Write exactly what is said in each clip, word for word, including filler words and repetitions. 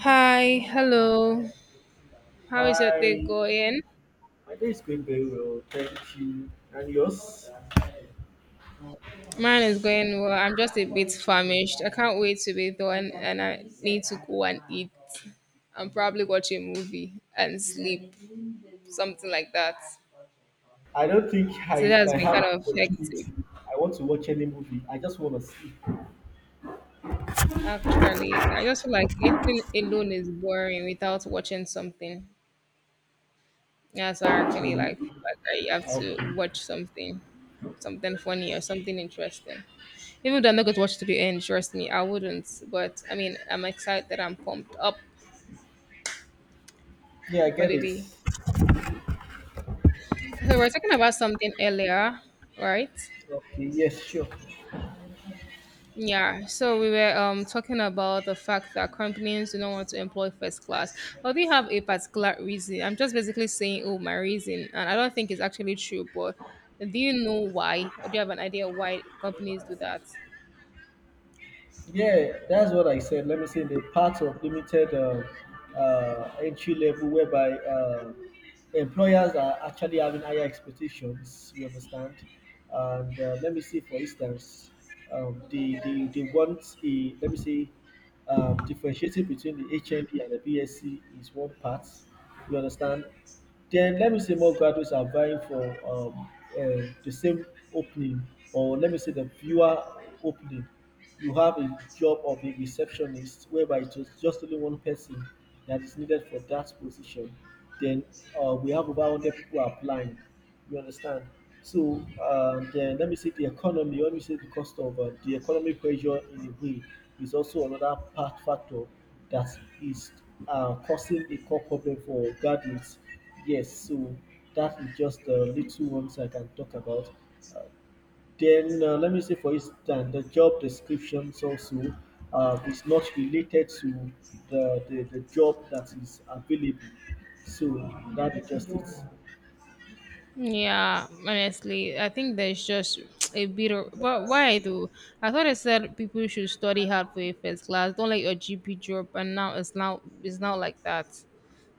Hi, hello. How is your day Hi, going? my day is going very well, thank you. And yours? Mine is going well. I'm just a bit famished. I can't wait to be done, and I need to go and eat and probably watch a movie and sleep, something like that. I don't think I, Today if I has been have kind of the hectic, opportunity, I want to watch any movie. I just want to see. actually. I just feel like eating alone is boring without watching something. Yeah, so I actually Okay. like like I have Okay. to watch something, something funny or something interesting. Even though I'm not going to watch to the end, trust me, I wouldn't. But I mean, I'm excited. I'm pumped up Yeah, I for get the it. day. So we're talking about something earlier, right? Okay, yes, sure. Yeah. So we were um talking about the fact that companies do not want to employ first class. Well, they have a particular reason. I'm just basically saying, oh, my reason, and I don't think it's actually true. But do you know why, or do you have an idea why companies do that? Yeah, that's what I said. Let me say the part of limited uh, uh, entry level whereby uh, employers are actually having higher expectations. You understand? And uh, let me see, for instance, um, they, they they want a let me see um, differentiating between the H N D and the BSc is one part. You understand? Then let me say more graduates are vying for um, um the same opening, or let me say the viewer opening. You have a job of a receptionist, whereby it was just only one person that is needed for that position. Then uh, we have over one hundred people applying. You understand? So uh, then let me say the economy, let me say the cost of uh, the economic pressure in a way is also another part factor that is uh, causing a core problem for graduates. Yes, so that is just the little ones I can talk about. Uh, then uh, let me say for instance the job descriptions also uh, is not related to the, the, the job that is available. So that is just it. Yeah, honestly, I think there's just a bit of but why though? I thought I said people should study hard for a first class. Don't let your G P drop, and now it's now it's now like that.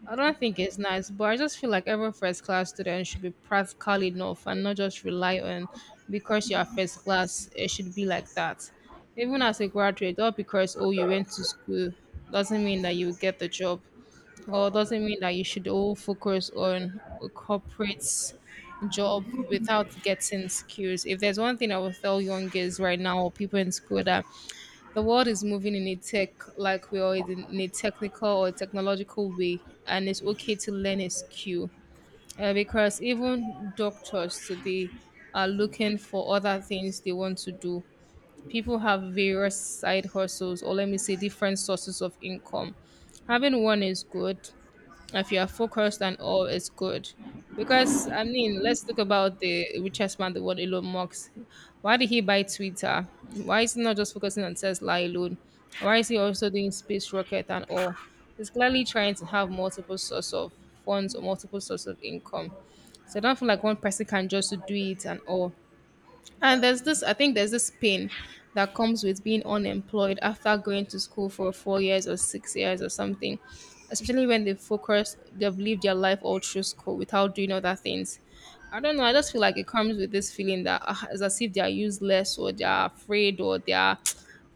I don't think it's nice, but I just feel like every first class student should be practical enough and not just rely on because you are first class. It should be like that. Even as a graduate, not because oh you went to school doesn't mean that you get the job. Well, doesn't mean that you should all focus on a corporate job without getting skills. If there's one thing I will tell young girls right now or people in school that the world is moving in a tech like we are in in a technical or technological way, and it's okay to learn a skill uh, because even doctors today are looking for other things they want to do. People have various side hustles or let me say different sources of income having one is good if you're focused and all is good. Because I mean, let's talk about the richest man in the world, Elon Musk. Why did he buy Twitter? Why is he not just focusing on Tesla alone? Why is he also doing space rocket and all? He's clearly trying to have multiple source of funds or multiple source of income. So I don't feel like one person can just do it and all. And there's this, I think there's this pain that comes with being unemployed after going to school for four years or six years or something, especially when they focus, they've lived their life all through school without doing other things. I don't know. I just feel like it comes with this feeling that uh, it's as if they are useless or they are afraid or they are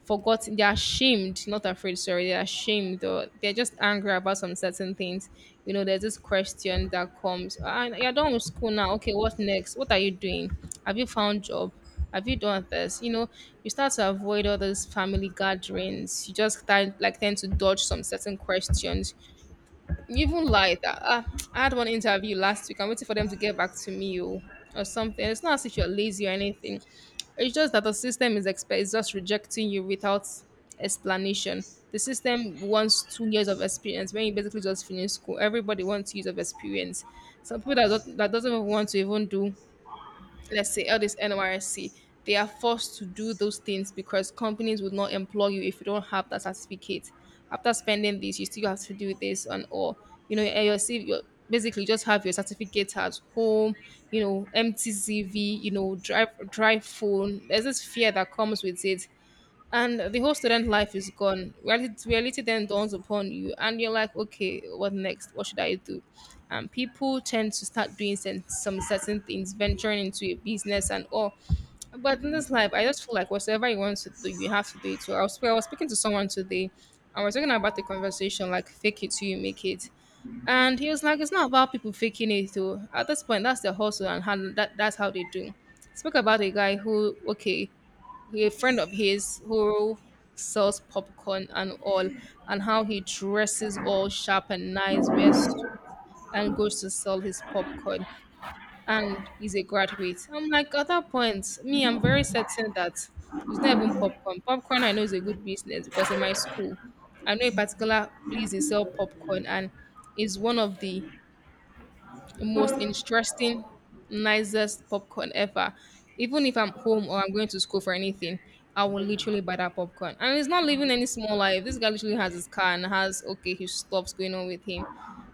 forgotten. They're ashamed, not afraid, sorry, they're ashamed or they're just angry about some certain things. You know, there's this question that comes and you're done with school, now okay, what next? What are you doing? Have you found job? Have you done this? You know, you start to avoid all those family gatherings. You just start like tend to dodge some certain questions. You even like that, uh, I had one interview last week. I'm waiting for them to get back to me or, or something. It's not as if you're lazy or anything. It's just that the system is expect is just rejecting you without explanation. The system wants two years of experience when you basically just finish school. Everybody wants years of experience. Some people that don't, that doesn't even want to even do let's say all this N Y S C, they are forced to do those things because companies would not employ you if you don't have that certificate. After spending this, you still have to do this and all. You know, and your C V, your, basically just have your certificate at home, you know, empty C V, you know, drive drive phone. There's this fear that comes with it and the whole student life is gone. Reality, reality then dawns upon you, and you're like, okay, what next? What should I do? And people tend to start doing sen- some certain things, venturing into a business and all. But in this life, I just feel like whatever you want to do, you have to do it. So I was, I was speaking to someone today, and we're talking about the conversation like fake it till you make it. And he was like, it's not about people faking it though. At this point, that's their hustle and how, that, that's how they do. Spoke about a guy who, okay, a friend of his who sells popcorn and all, and how he dresses all sharp and nice, wears and goes to sell his popcorn, and he's a graduate. I'm like, at that point, me, I'm very certain that it's not even popcorn. Popcorn, I know, is a good business because in my school, I know a particular place they sell popcorn, and it's one of the most interesting, nicest popcorn ever. Even if I'm home or I'm going to school for anything, I will literally buy that popcorn. And he's not living any small life. This guy literally has his car and has okay his stuff's going on with him.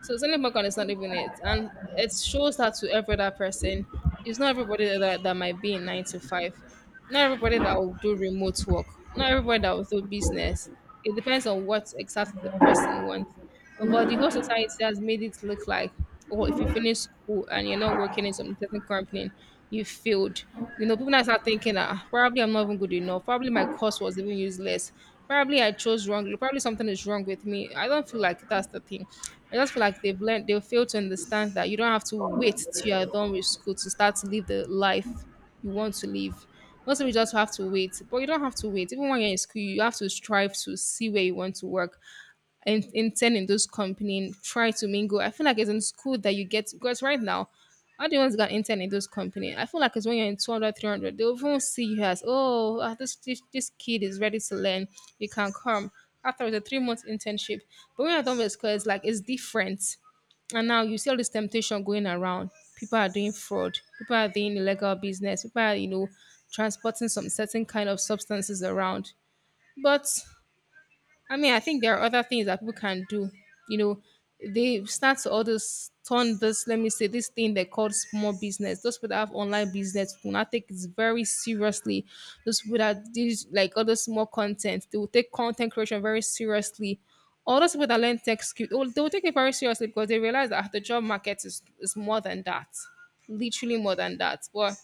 So selling popcorn is not even it. And it shows that to every other person. It's not everybody that, that might be in nine to five. Not everybody that will do remote work. Not everybody that will do business. It depends on what exactly the person wants. But the whole society has made it look like or if you finish school and you're not working in some certain company, you failed. You know, people now start thinking that "Ah, probably I'm not even good enough. Probably my course was even useless. Probably I chose wrongly. Probably something is wrong with me. I don't feel like that's the thing. I just feel like they've learned, they've failed to understand that you don't have to wait till you're done with school to start to live the life you want to live. Most of you just have to wait, but you don't have to wait. Even when you're in school, you have to strive to see where you want to work in, intern in those company, try to mingle. I feel like it's in school that you get because right now, all the ones that got intern in those company, I feel like it's when you're in two hundred, three hundred, they won't see you as, oh, ah, this, this this kid is ready to learn. You can come after the three month internship. But when you're done with school, it's like it's different. And now you see all this temptation going around. People are doing fraud. People are doing illegal business. People are, you know, transporting some certain kind of substances around. But I mean, I think there are other things that people can do. You know, they start to all this turn this, let me say, this thing they call small business. Those people that have online business will not take it very seriously. Those people that do like all those small content, they will take content creation very seriously. All those people that learn tech skill, they will they will take it very seriously because they realize that the job market is, is more than that. Literally more than that. But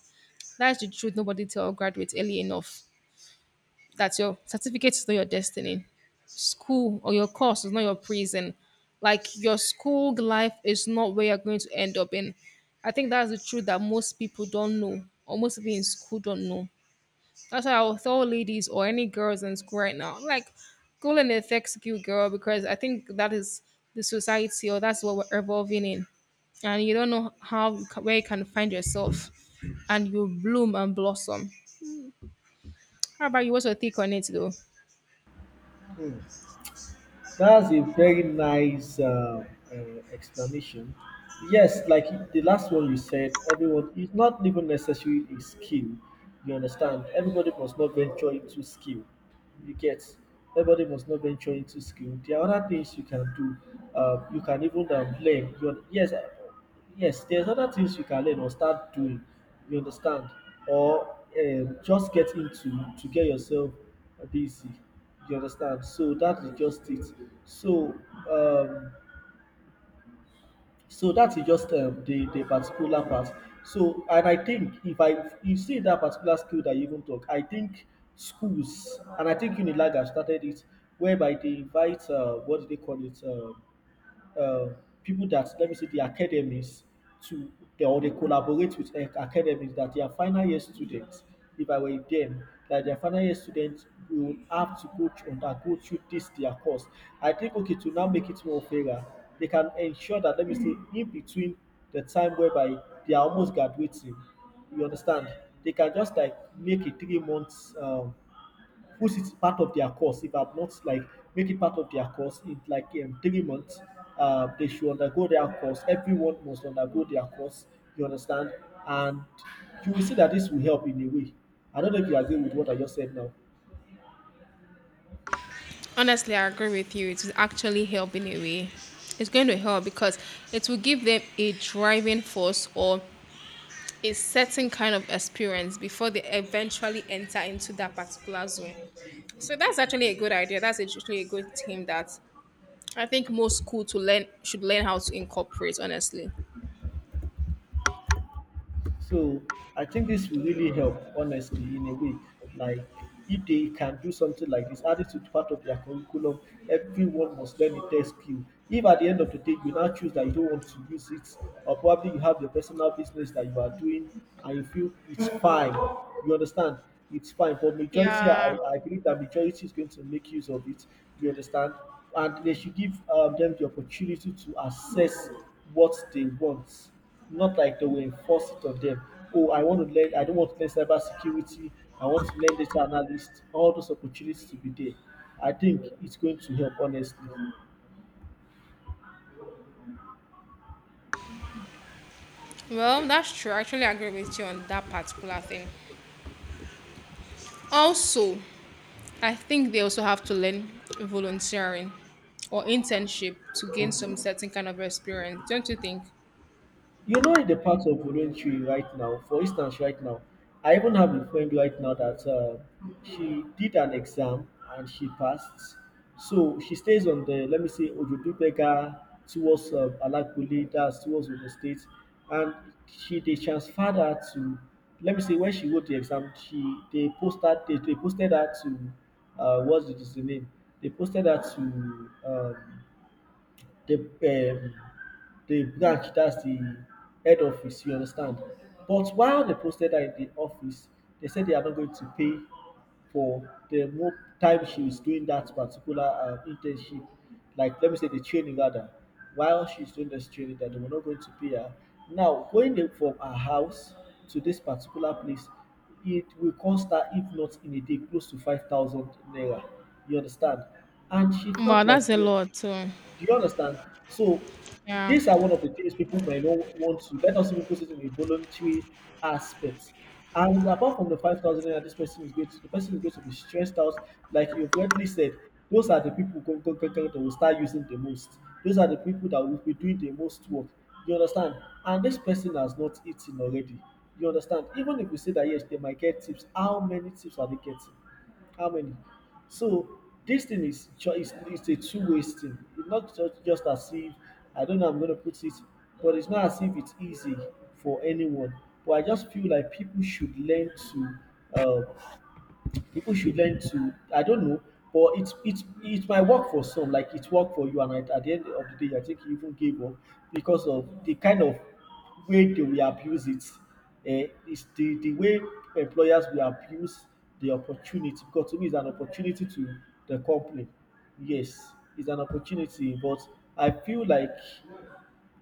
that's the truth. Nobody tell graduates early enough that your certificate is not your destiny. School or your course is not your prison. Like your school life is not where you're going to end up in. I think that's the truth that most people don't know, or most people in school don't know. That's why I'll tell ladies or any girls in school right now, like, go and affects you, girl, because I think that is the society or that's what we're evolving in and you don't know how you ca- where you can find yourself and you bloom and blossom. How about you? What's your take on it though? Hmm. That's a very nice uh, uh, explanation. Yes, like the last one you said, everyone it's not even necessarily a skill. You understand? Everybody must not venture into skill. You get? Everybody must not venture into skill. There are other things you can do. Uh, you can even um, learn. You, yes, yes, there's other things you can learn or start doing, you understand, or um, just get into to get yourself busy, you understand. So that is just it. So um, so that is just um, the the particular part. So and I think if I you see that particular skill that you even talk, I think schools and I think Unilag have started it, whereby they invite uh, what do they call it? Um, uh, People that let me say the academies to they, or they collaborate with ac- academies that their final year students, if I were them, that their final year students will have to go through that go through this their course. I think okay to now make it more fairer, they can ensure that let me say in between the time whereby they are almost graduating, you understand, they can just like make a three months um, put it part of their course. If I'm not like make it part of their course in like um, three months, uh, they should undergo their course. Everyone must undergo their course. You understand? And you will see that this will help in a way. I don't know if you agree with what I just said now. Honestly, I agree with you. It will actually help in a way. It's going to help because it will give them a driving force or a certain kind of experience before they eventually enter into that particular zone. So that's actually a good idea. That's actually a good team that I think most school to learn should learn how to incorporate. Honestly. So I think this will really help, honestly, in a way. Like if they can do something like this, add it to part of their curriculum, everyone must learn a test skill. If at the end of the day you now choose that you don't want to use it, or probably you have your personal business that you are doing and you feel it's fine, you understand? It's fine. But majority, I, Yeah. I believe that majority is going to make use of it. You understand? And they should give um, them the opportunity to assess what they want not like they will enforce it on them. Oh, I want to learn, I don't want to learn cyber security, I want to learn data analyst, all those opportunities to be there. I think it's going to help honestly. Well, that's true. I actually agree with you on that particular thing. Also, I think they also have to learn volunteering or internship to gain some certain kind of experience, don't you think? You know, in the part of voluntary right now, for instance, right now I even have a friend right now that uh, she did an exam and she passed. So she stays on the, let me say, Ojodubega towards um, Alakule, that's towards the state. And she, they transferred her to, let me say when she wrote the exam, she, they posted they, they posted her to uh what's the, the name, they posted her to um the um the branch, that's the head office, you understand. But while they posted her in the office, they said they are not going to pay for the more time she is doing that particular um, internship, like let me say the training rather. While she's doing this training, that they were not going to pay her, now going in from her house to this particular place, it will cost her, if not in a day, close to five thousand naira. You understand? And she Wow, felt that's like a no. lot. So, Do you understand? So yeah. these are one of the things people might not want to. Let us even put it in a voluntary aspect. And apart from the five thousand naira, this person is going to the person is going to be stressed out. Like you've rightly said, those are the people go, go, go, go, that will start using the most. Those are the people that will be doing the most work. You understand? And this person has not eaten already. You understand? Even if we say that yes, they might get tips. How many tips are they getting? How many? So this thing is cho- is it's a two way thing. It's not just, just as if I don't know how I'm gonna put it, but it's not as if it's easy for anyone. But I just feel like people should learn to uh, people should learn to, I don't know, but it's it's it might work for some, like it worked for you, and at, at the end of the day, I think you even gave up because of the kind of way they will abuse it. Uh, it's the, the way employers will abuse the opportunity because to me it's an opportunity to the company. Yes, it's an opportunity, but I feel like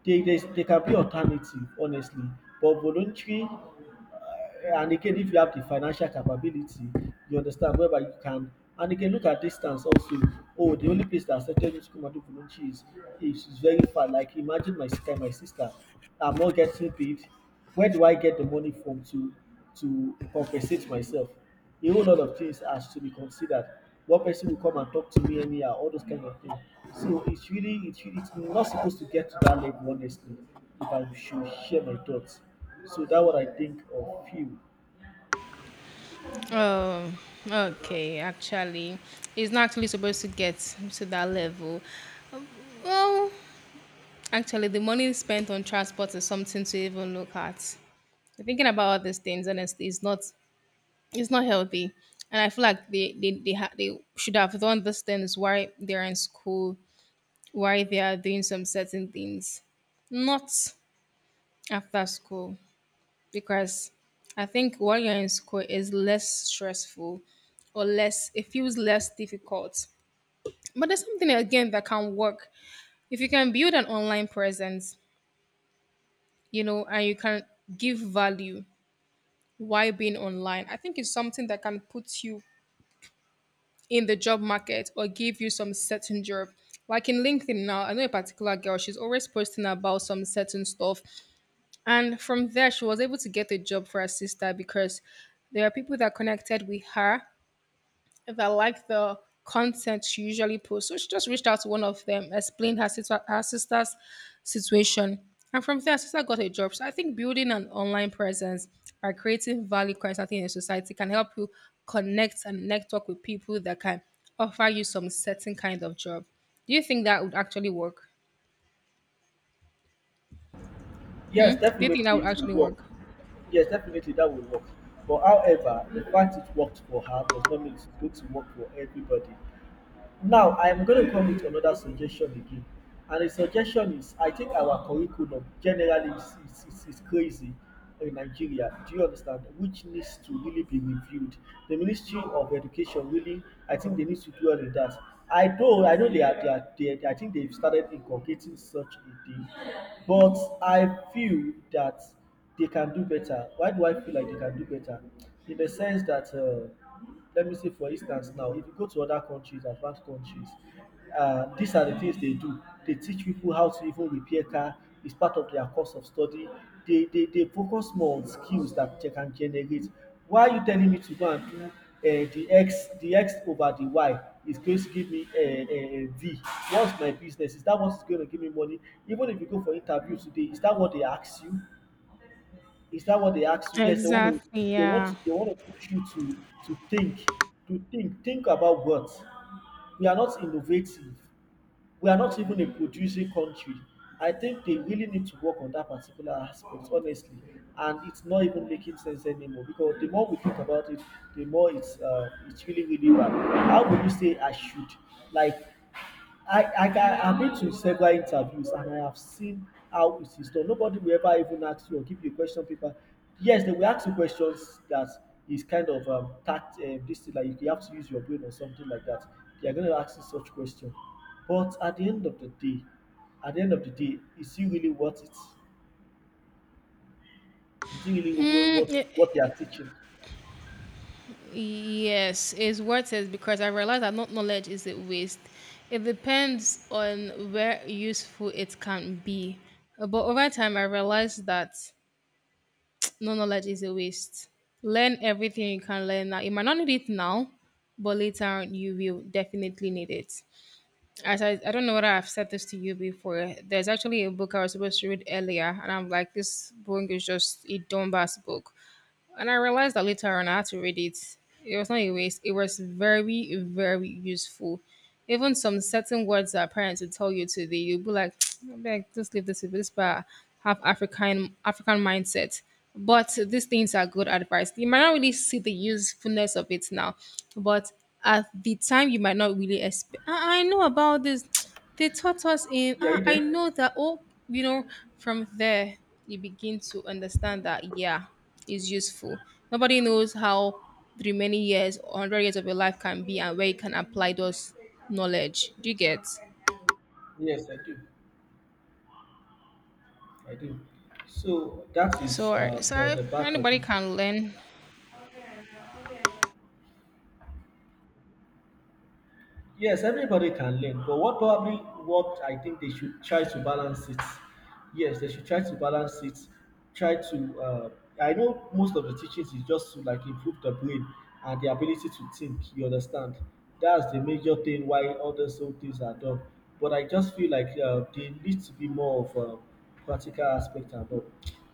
they, they, they can be alternative, honestly. But voluntary, eh, and again if you have the financial capability, you understand, whereby you can, and again look at distance also. Oh, the only place that accepted me to come and do voluntary is is is very far. Like imagine, my sister my sister, I'm not getting paid. Where do I get the money from to to compensate myself? A whole lot of things has to be considered. One person will come and talk to me anyhow, all those kind of things. So it's really it's really, it's not supposed to get to that level, honestly. If I should share my thoughts, so that's what I think of film. Oh, okay. Actually, it's not actually supposed to get to that level. Well, actually, the money spent on transport is something to even look at. Thinking about all these things, honestly, is not it's not healthy. And I feel like they they they, ha- they should have done these things while they're in school while they are doing some certain things, not after school, because I think while you're in school is less stressful or less, it feels less difficult. But there's something again that can work if you can build an online presence, you know, and you can give value while being online. I think it's something that can put you in the job market or give you some certain job. Like in LinkedIn now, I know a particular girl, she's always posting about some certain stuff. And from there, she was able to get a job for her sister because there are people that connected with her that liked the content she usually posts. So she just reached out to one of them, explained her, sister, her sister's situation. And from there, her sister got a job. So I think building an online presence by creating value constantly in society can help you connect and network with people that can offer you some certain kind of job. Do you think that would actually work? Yes, Hmm? Do you think that definitely would it will actually work. work? Yes, definitely that will work. But however, the fact it worked for her does not mean it's going to work for everybody. Now I am going to come with another suggestion again. And the suggestion is I think our curriculum generally is, is, is, is crazy in Nigeria. Do you understand? Which needs to really be reviewed. The Ministry of Education really, I think they need to do all of that. I know, I know they are, they are, they are, I think they've started inculcating such a thing, but I feel that they can do better. Why do I feel like they can do better? In the sense that uh, let me say for instance now, if you go to other countries, advanced countries, uh, these are the things they do. They teach people how to even repair car. It's part of their course of study. They they, they focus more on skills that they can generate. Why are you telling me to go and do uh, the X the X over the Y is going to give me a, a V? What's my business? Is that what's going to give me money? Even if you go for interview today, is that what they ask you? Is that what they ask you? Yes, they want to Exactly, they want yeah. to they want to push you to to think, to think, think about what? We are not innovative. We are not even a producing country. I think they really need to work on that particular aspect, honestly. And it's not even making sense anymore because the more we think about it, the more it's uh, it's really really bad. How would you say I should like? I, I can, I've been to several interviews and I have seen how it is done. Nobody will ever even ask you or give you a question paper. Yes, they will ask you questions that is kind of um, tact, uh, this thing, like you have to use your brain or something like that. They are going to ask you such question. But at the end of the day, at the end of the day, is it really worth it? Is it really wo- worth it, Mm, what they are teaching? y- yes, it's worth it because I realize that not knowledge is a waste. It depends on where useful it can be. Uh, But over time, I realized that no knowledge is a waste. Learn everything you can learn now. You might not need it now, but later on, you will definitely need it. As I, I don't know whether I've said this to you before. There's actually a book I was supposed to read earlier, and I'm like, this book is just a dumbass book. And I realized that later on I had to read it. It was not a waste. It was very, very useful. Even some certain words that parents would tell you today, you'd be like, I beg, just leave this with this but have African African mindset. But these things are good advice. You might not really see the usefulness of it now, but at the time you might not really expect. I, I know about this. They taught us in. Yeah, Ah, you I there? know that. Oh, you know, from there you begin to understand that. Yeah, is useful. Nobody knows how the many years or one hundred years of your life can be and where you can apply those knowledge. Do you get? Yes, I do. I do. So that is So, uh, uh, the, so the part of anybody it. can learn. Yes, everybody can learn, but what probably what I think they should try to balance it. Yes, they should try to balance it. Try to. Uh, I know most of the teachings is just to like improve the brain and the ability to think. You understand? That's the major thing why all those whole things are done. But I just feel like uh, there needs to be more of a practical aspect and all.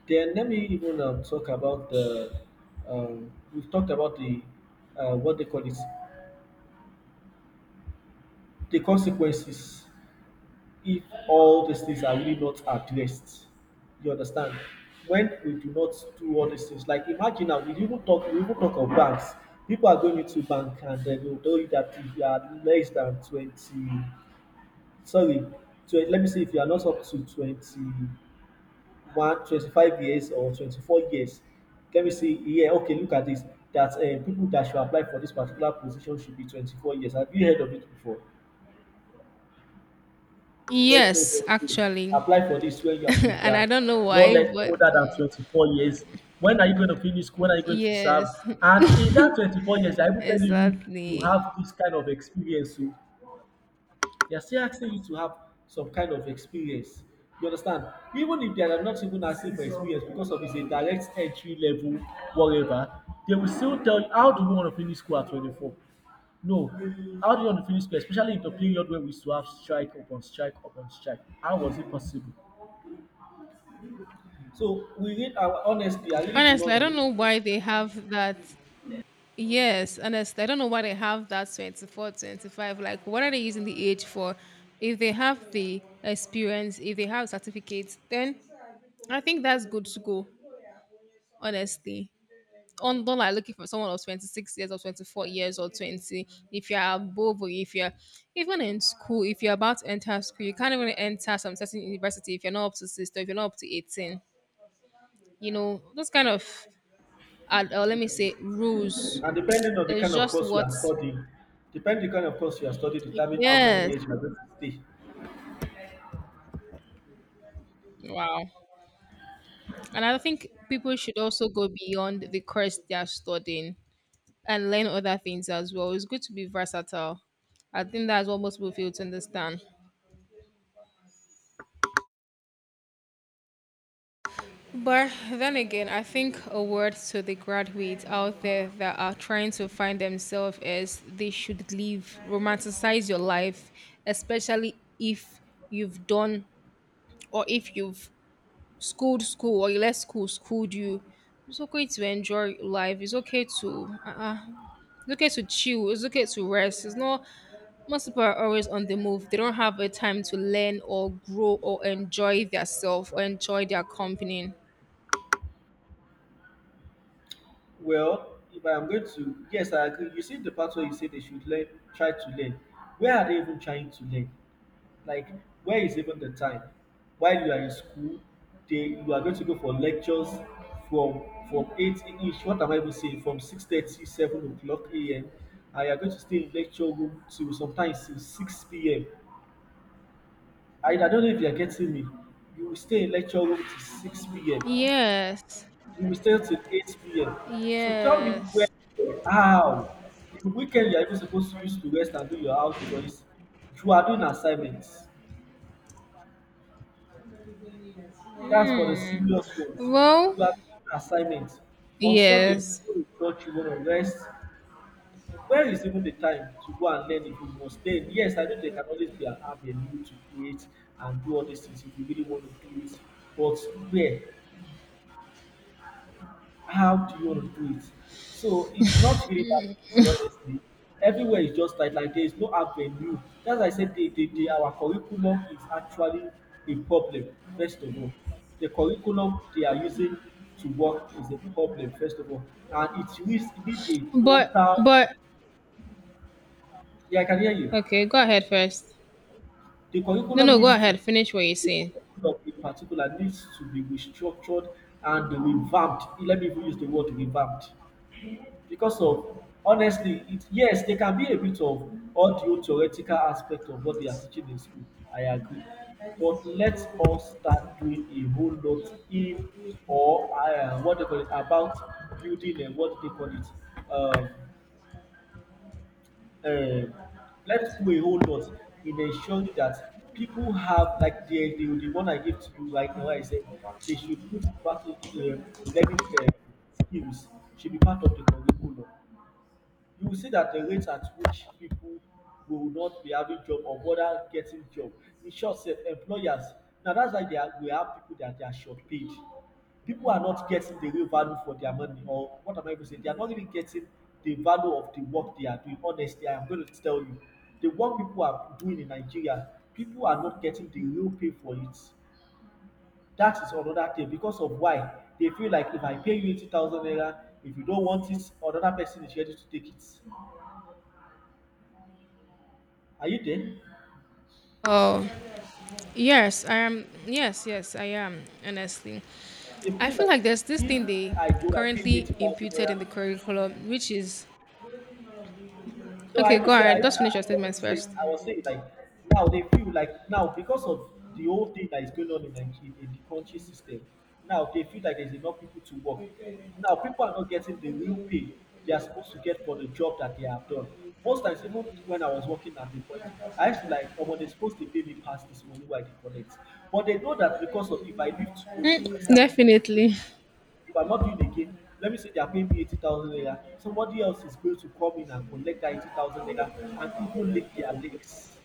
Then let me even um, talk about the. Um, we've talked about the uh, what they call it, the consequences if all these things are really not addressed. You understand? When we do not do all these things, like imagine now, we even talk, we even talk of banks. People are going into bank and then they'll tell you that if you are less than twenty, sorry, so let me see if you are not up to twenty-one, twenty-five years or twenty-four years, let me see, yeah, okay, look at this, that uh, people that should apply for this particular position should be twenty-four years. Have you heard of it before? Where they Yes, will say, actually. apply for this when you are if you And I are don't know not why, less but older than twenty-four years, when are you going to finish school, when are you going to serve? yes, And in that twenty-four years I will tell you, you exactly. have this kind of experience o, they are still asking you to have some kind of experience. You understand? Even if they are not even asking for experience because of it's a direct entry level, whatever, they will still tell you how do you want to finish school at twenty-four? No. How do you want to finish school? Especially in the period where we used to have strike upon strike upon strike. How was it possible? So we read our, honestly, I really do Honestly, not I don't know. know why they have that. Yes, honestly, I don't know why they have that twenty four, twenty five. Like, what are they using the age for? If they have the experience, if they have certificates, then I think that's good to go, honestly. On don't like looking for someone of twenty-six years or twenty-four years or twenty. If you're above or if you're even in school, if you're about to enter school, you can't even enter some certain university if you're not up to sixteen, if you're not up to eighteen. You know, those kind of, uh, uh, let me say, rules. And depending on the It's kind of just course you are what, studying, depending on the kind of course you are studying, determine how many yes. years you are going to stay. Wow. And I think people should also go beyond the course they are studying and learn other things as well. It's good to be versatile. I think that's what most people fail to understand. But then again, I think a word to the graduates out there that are trying to find themselves is they should leave, romanticize your life, especially if you've done or if you've schooled school or you let school schooled you. It's okay to enjoy life. It's okay to uh, uh, it's okay to chill. It's okay to rest. It's not. Most people are always on the move. They don't have a time to learn or grow or enjoy themselves or enjoy their company. Well, if I'm going to, yes, I agree. You see the part where you say they should learn, try to learn. Where are they even trying to learn? Like, where is even the time? While you are in school, they you are going to go for lectures from from eight ish. What am I even saying? From six thirty, seven o'clock a m. And you are going to stay in lecture room till sometimes till six p m. I, I don't know if you are getting me. You will stay in lecture room till six p m, Yes. you will stay till eight p m. So tell me when, Yes. how, the weekend you are even supposed to use to rest and do your house chores, you are doing assignments. That's for the Hmm. serious ones. Well, You are doing assignments. On Sunday, yes. you go to church, you want to rest. Where is even the time to go and learn if you must learn? Yes, I know there can always be an avenue to create and do all these things if you really want to do it. But where? How do you want to do it? So it's not really that easy, honestly. Everywhere is just like, like, there is no avenue. As I said, they, they, they, our curriculum is actually a problem, first of all. The curriculum they are using to work is a problem, first of all. And it needs, it need a total. But, but, Yeah, I can hear you. okay, go ahead first. The No, curriculum no, go needs to ahead. Finish what you're the saying. curriculum in particular needs to be restructured and revamped. Let me even use the word revamped because of, honestly, it, yes, there can be a bit of audio theoretical aspect of what they are teaching in school, I agree. But let us start doing a whole lot in, or uh, what they call it, about building and what they call it, um, um let's do a whole lot in ensuring that people have, like, the, the the one I give to you right now, I said they should put practice, uh, learning, uh, skills should be part of the curriculum. You will see that the rate at which pipu go not be having job or bother getting job. In short sef, employers, na that's why they are we have pipu that they are short paid. Pipu are not getting the real value for their money, or what am I even saying, they are not really getting the value of the work they are doing. Honestly, I am going to tell you. The work pipu are doing in Nigeria, pipu are not getting the real pay for it. That is another thing. Because of why? They feel like if I pay you eighty thousand naira, if you don't want it, another person is ready to take it. Are you there? Oh, yes, I am. Yes, yes, I am. Honestly, You I feel feel like like there's this if thing they I do like maybe currently eighty thousand imputed in the naira. curriculum, which is No, I okay, even go say I, I ahead. Just finish your wasn't statements saying, first. I was saying like, now they feel like now, because of the whole thing that is going on in Nigeria, in the country system, now they feel like there's enough people to work. Now people are not getting the real pay they are supposed to get for the job that they have done. Most times, even when I was working at the point, I used to like, oh, but they're supposed to pay me past this money, why they collect? But they know that because of, if I leave tomorrow, if I say Mm, I'm not definitely. If I'm not doing again, let me say they are paying me eighty thousand naira, somebody else is going to come in and collect that eighty thousand naira and even lick their legs.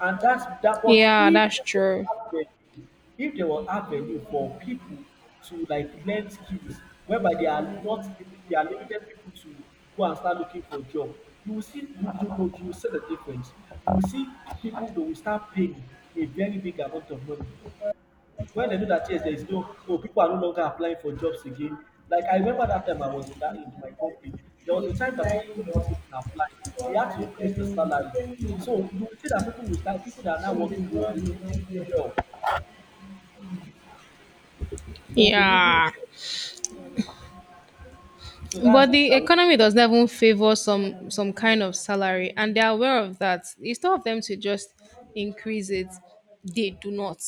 And that's that. But Yeah, if that's there true. was avenue, if there was avenue for people to like learn skills whereby they are not limi- they are limited, people to go and start looking for job, you will see, you, you know you will see the difference. You will see people that will start paying a very big amount of money when they know that, yes, there is no oh, people are no longer applying for jobs again. Like I remember that time I was in that in my company, there was a time that people were not even applying. They had to increase the salary. So you will see that people will start people that are now working will be living well. They will be living Yeah. well. So that's But it. the I would economy does not even favor some some kind of salary, and they are aware of that. Instead of them to just increase it, they do not.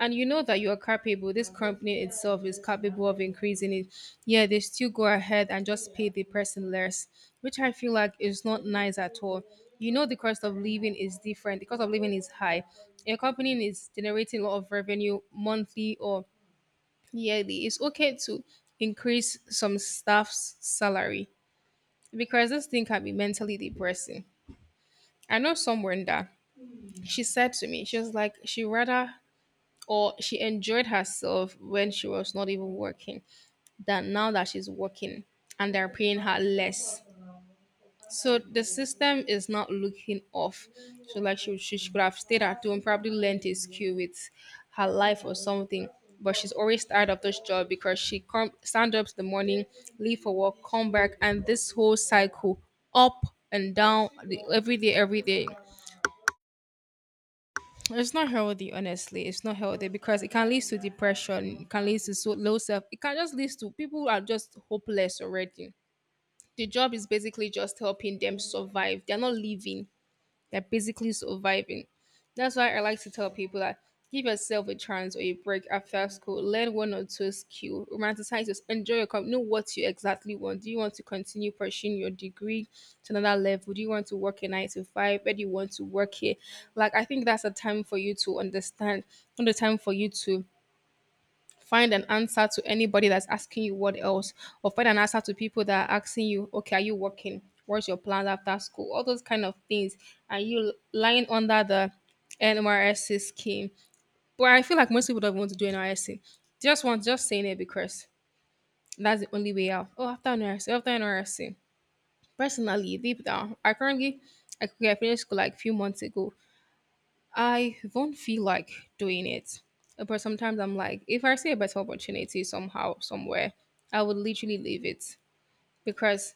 And you know that you are capable. This company itself is capable of increasing it. Yeah, they still go ahead and just pay the person less, which I feel like is not nice at all. You know the cost of living is different. The cost of living is high. A company is generating a lot of revenue monthly or yearly, it's okay to increase some staff's salary because this thing can be mentally depressing. I know someone that she said to me, she was like, she rather or she enjoyed herself when she was not even working than now that she's working and they're paying her less. So the system is not looking off. So like she, she she could have stayed at home, probably learned a skill with her life or something. But she's always tired of this job because she come stand up in the morning, leave for work, come back, and this whole cycle up and down the- every day, every day. It's not healthy, honestly. It's not healthy because it can lead to depression. It can lead to so low self. It can just lead to people who are just hopeless already. The job is basically just helping them survive. They're not living. They're basically surviving. That's why I like to tell people that give yourself a chance or a break after school. Learn one or two skill. Romanticize this. Enjoy your company. Know what you exactly want. Do you want to continue pursuing your degree to another level? Do you want to work a nine to five? Where do you want to work here? Like I think that's a time for you to understand. Not a time for you to find an answer to anybody that's asking you what else or find an answer to people that are asking you, okay, are you working, what's your plans after school, all those kind of things, and you lying under the nmrsc scheme. But I feel like most people don't want to do nrsc, just want, just saying it because that's the only way out. Oh, after nrsc, after nrsc, personally deep down I currently, I could finished school like a few months ago. I won't feel like doing it. But sometimes I'm like, if I see a better opportunity somehow, somewhere, I would literally leave it because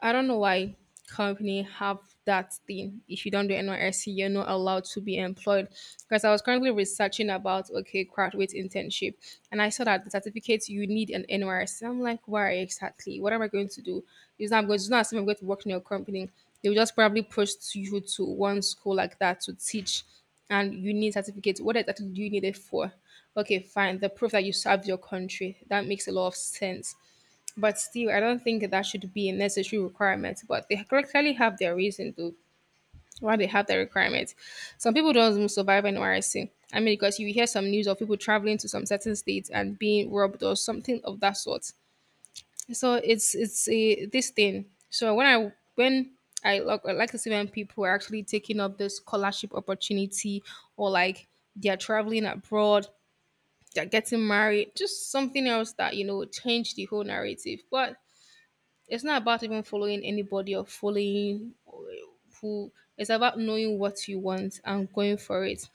I don't know why company have that thing. If you don't do N Y S C, you're not allowed to be employed. Because I was currently researching about okay graduate internship, and I saw that the certificate you need an N Y S C. I'm like, why exactly? What am I going to do? Is I'm going to not assume I'm going to work in your company. They will just probably push you to one school like that to teach, and you need certificate. What exactly do you need it for? Okay, fine. The proof that you served your country that makes a lot of sense, but still, I don't think that should be a necessary requirement. But they clearly have their reason to why they have that requirement. Some people don't even survive N Y C. I mean, because you hear some news of people traveling to some certain states and being robbed or something of that sort. So it's it's a this thing. So when I when I like, I like to see when people are actually taking up this scholarship opportunity or like they're traveling abroad, they're getting married, just something else that you know change the whole narrative. But it's not about even following anybody or following who. It's about knowing what you want and going for it,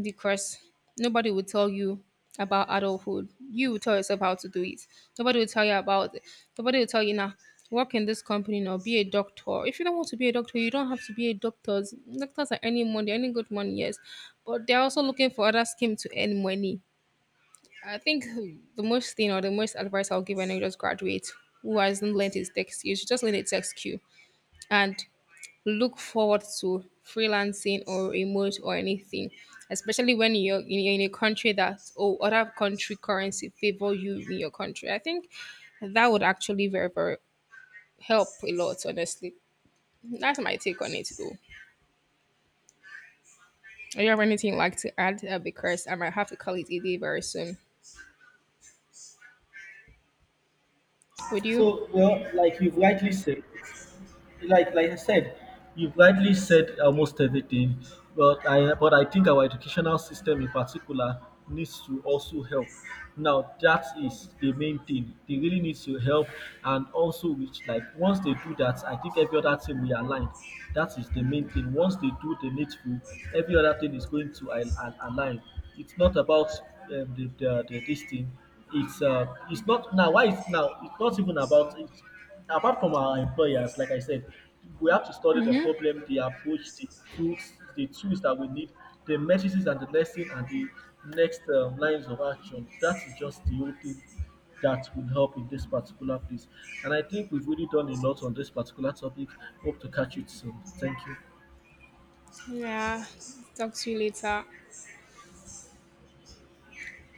because nobody will tell you about adulthood. You will tell yourself how to do it. Nobody will tell you about it. Nobody will tell you now. Work in this company now. Be a doctor. If you don't want to be a doctor, you don't have to be a doctor. Doctors are earning money, earning good money, yes, but they're also looking for other scheme to earn money. I think the most thing or the most advice I'll give an just graduate who hasn't learned his tech skill should just learn a tech skill and look forward to freelancing or remote or anything, especially when you're in, in a country that or other country currency favor you in your country. I think that would actually very very help a lot. Honestly, that's my take on it though. Do you have anything you'd like to add? Uh, because I might have to call it a day very soon. Would you? So, well, like you've rightly said, like like I said, you've rightly said almost everything. But I but I think our educational system in particular needs to also help. Now that is the main thing. They really need to help, and also, which, like, once they do that, I think every other thing will align. That is the main thing. Once they do the needful, every other thing is going to al- al- align. It's not about um, the, the, the this thing, it's uh, it's not now why it's now, it's not even about it. Apart from our employers, like I said, we have to study the Mm-hmm. problem, the approach, the tools the tools that we need, the matrices and the lesson and the next um, lines of action. That is just the whole thing that will help in this particular place. And I think we've really done a lot on this particular topic. Hope to catch you soon. Thank you. Yeah. Talk to you later.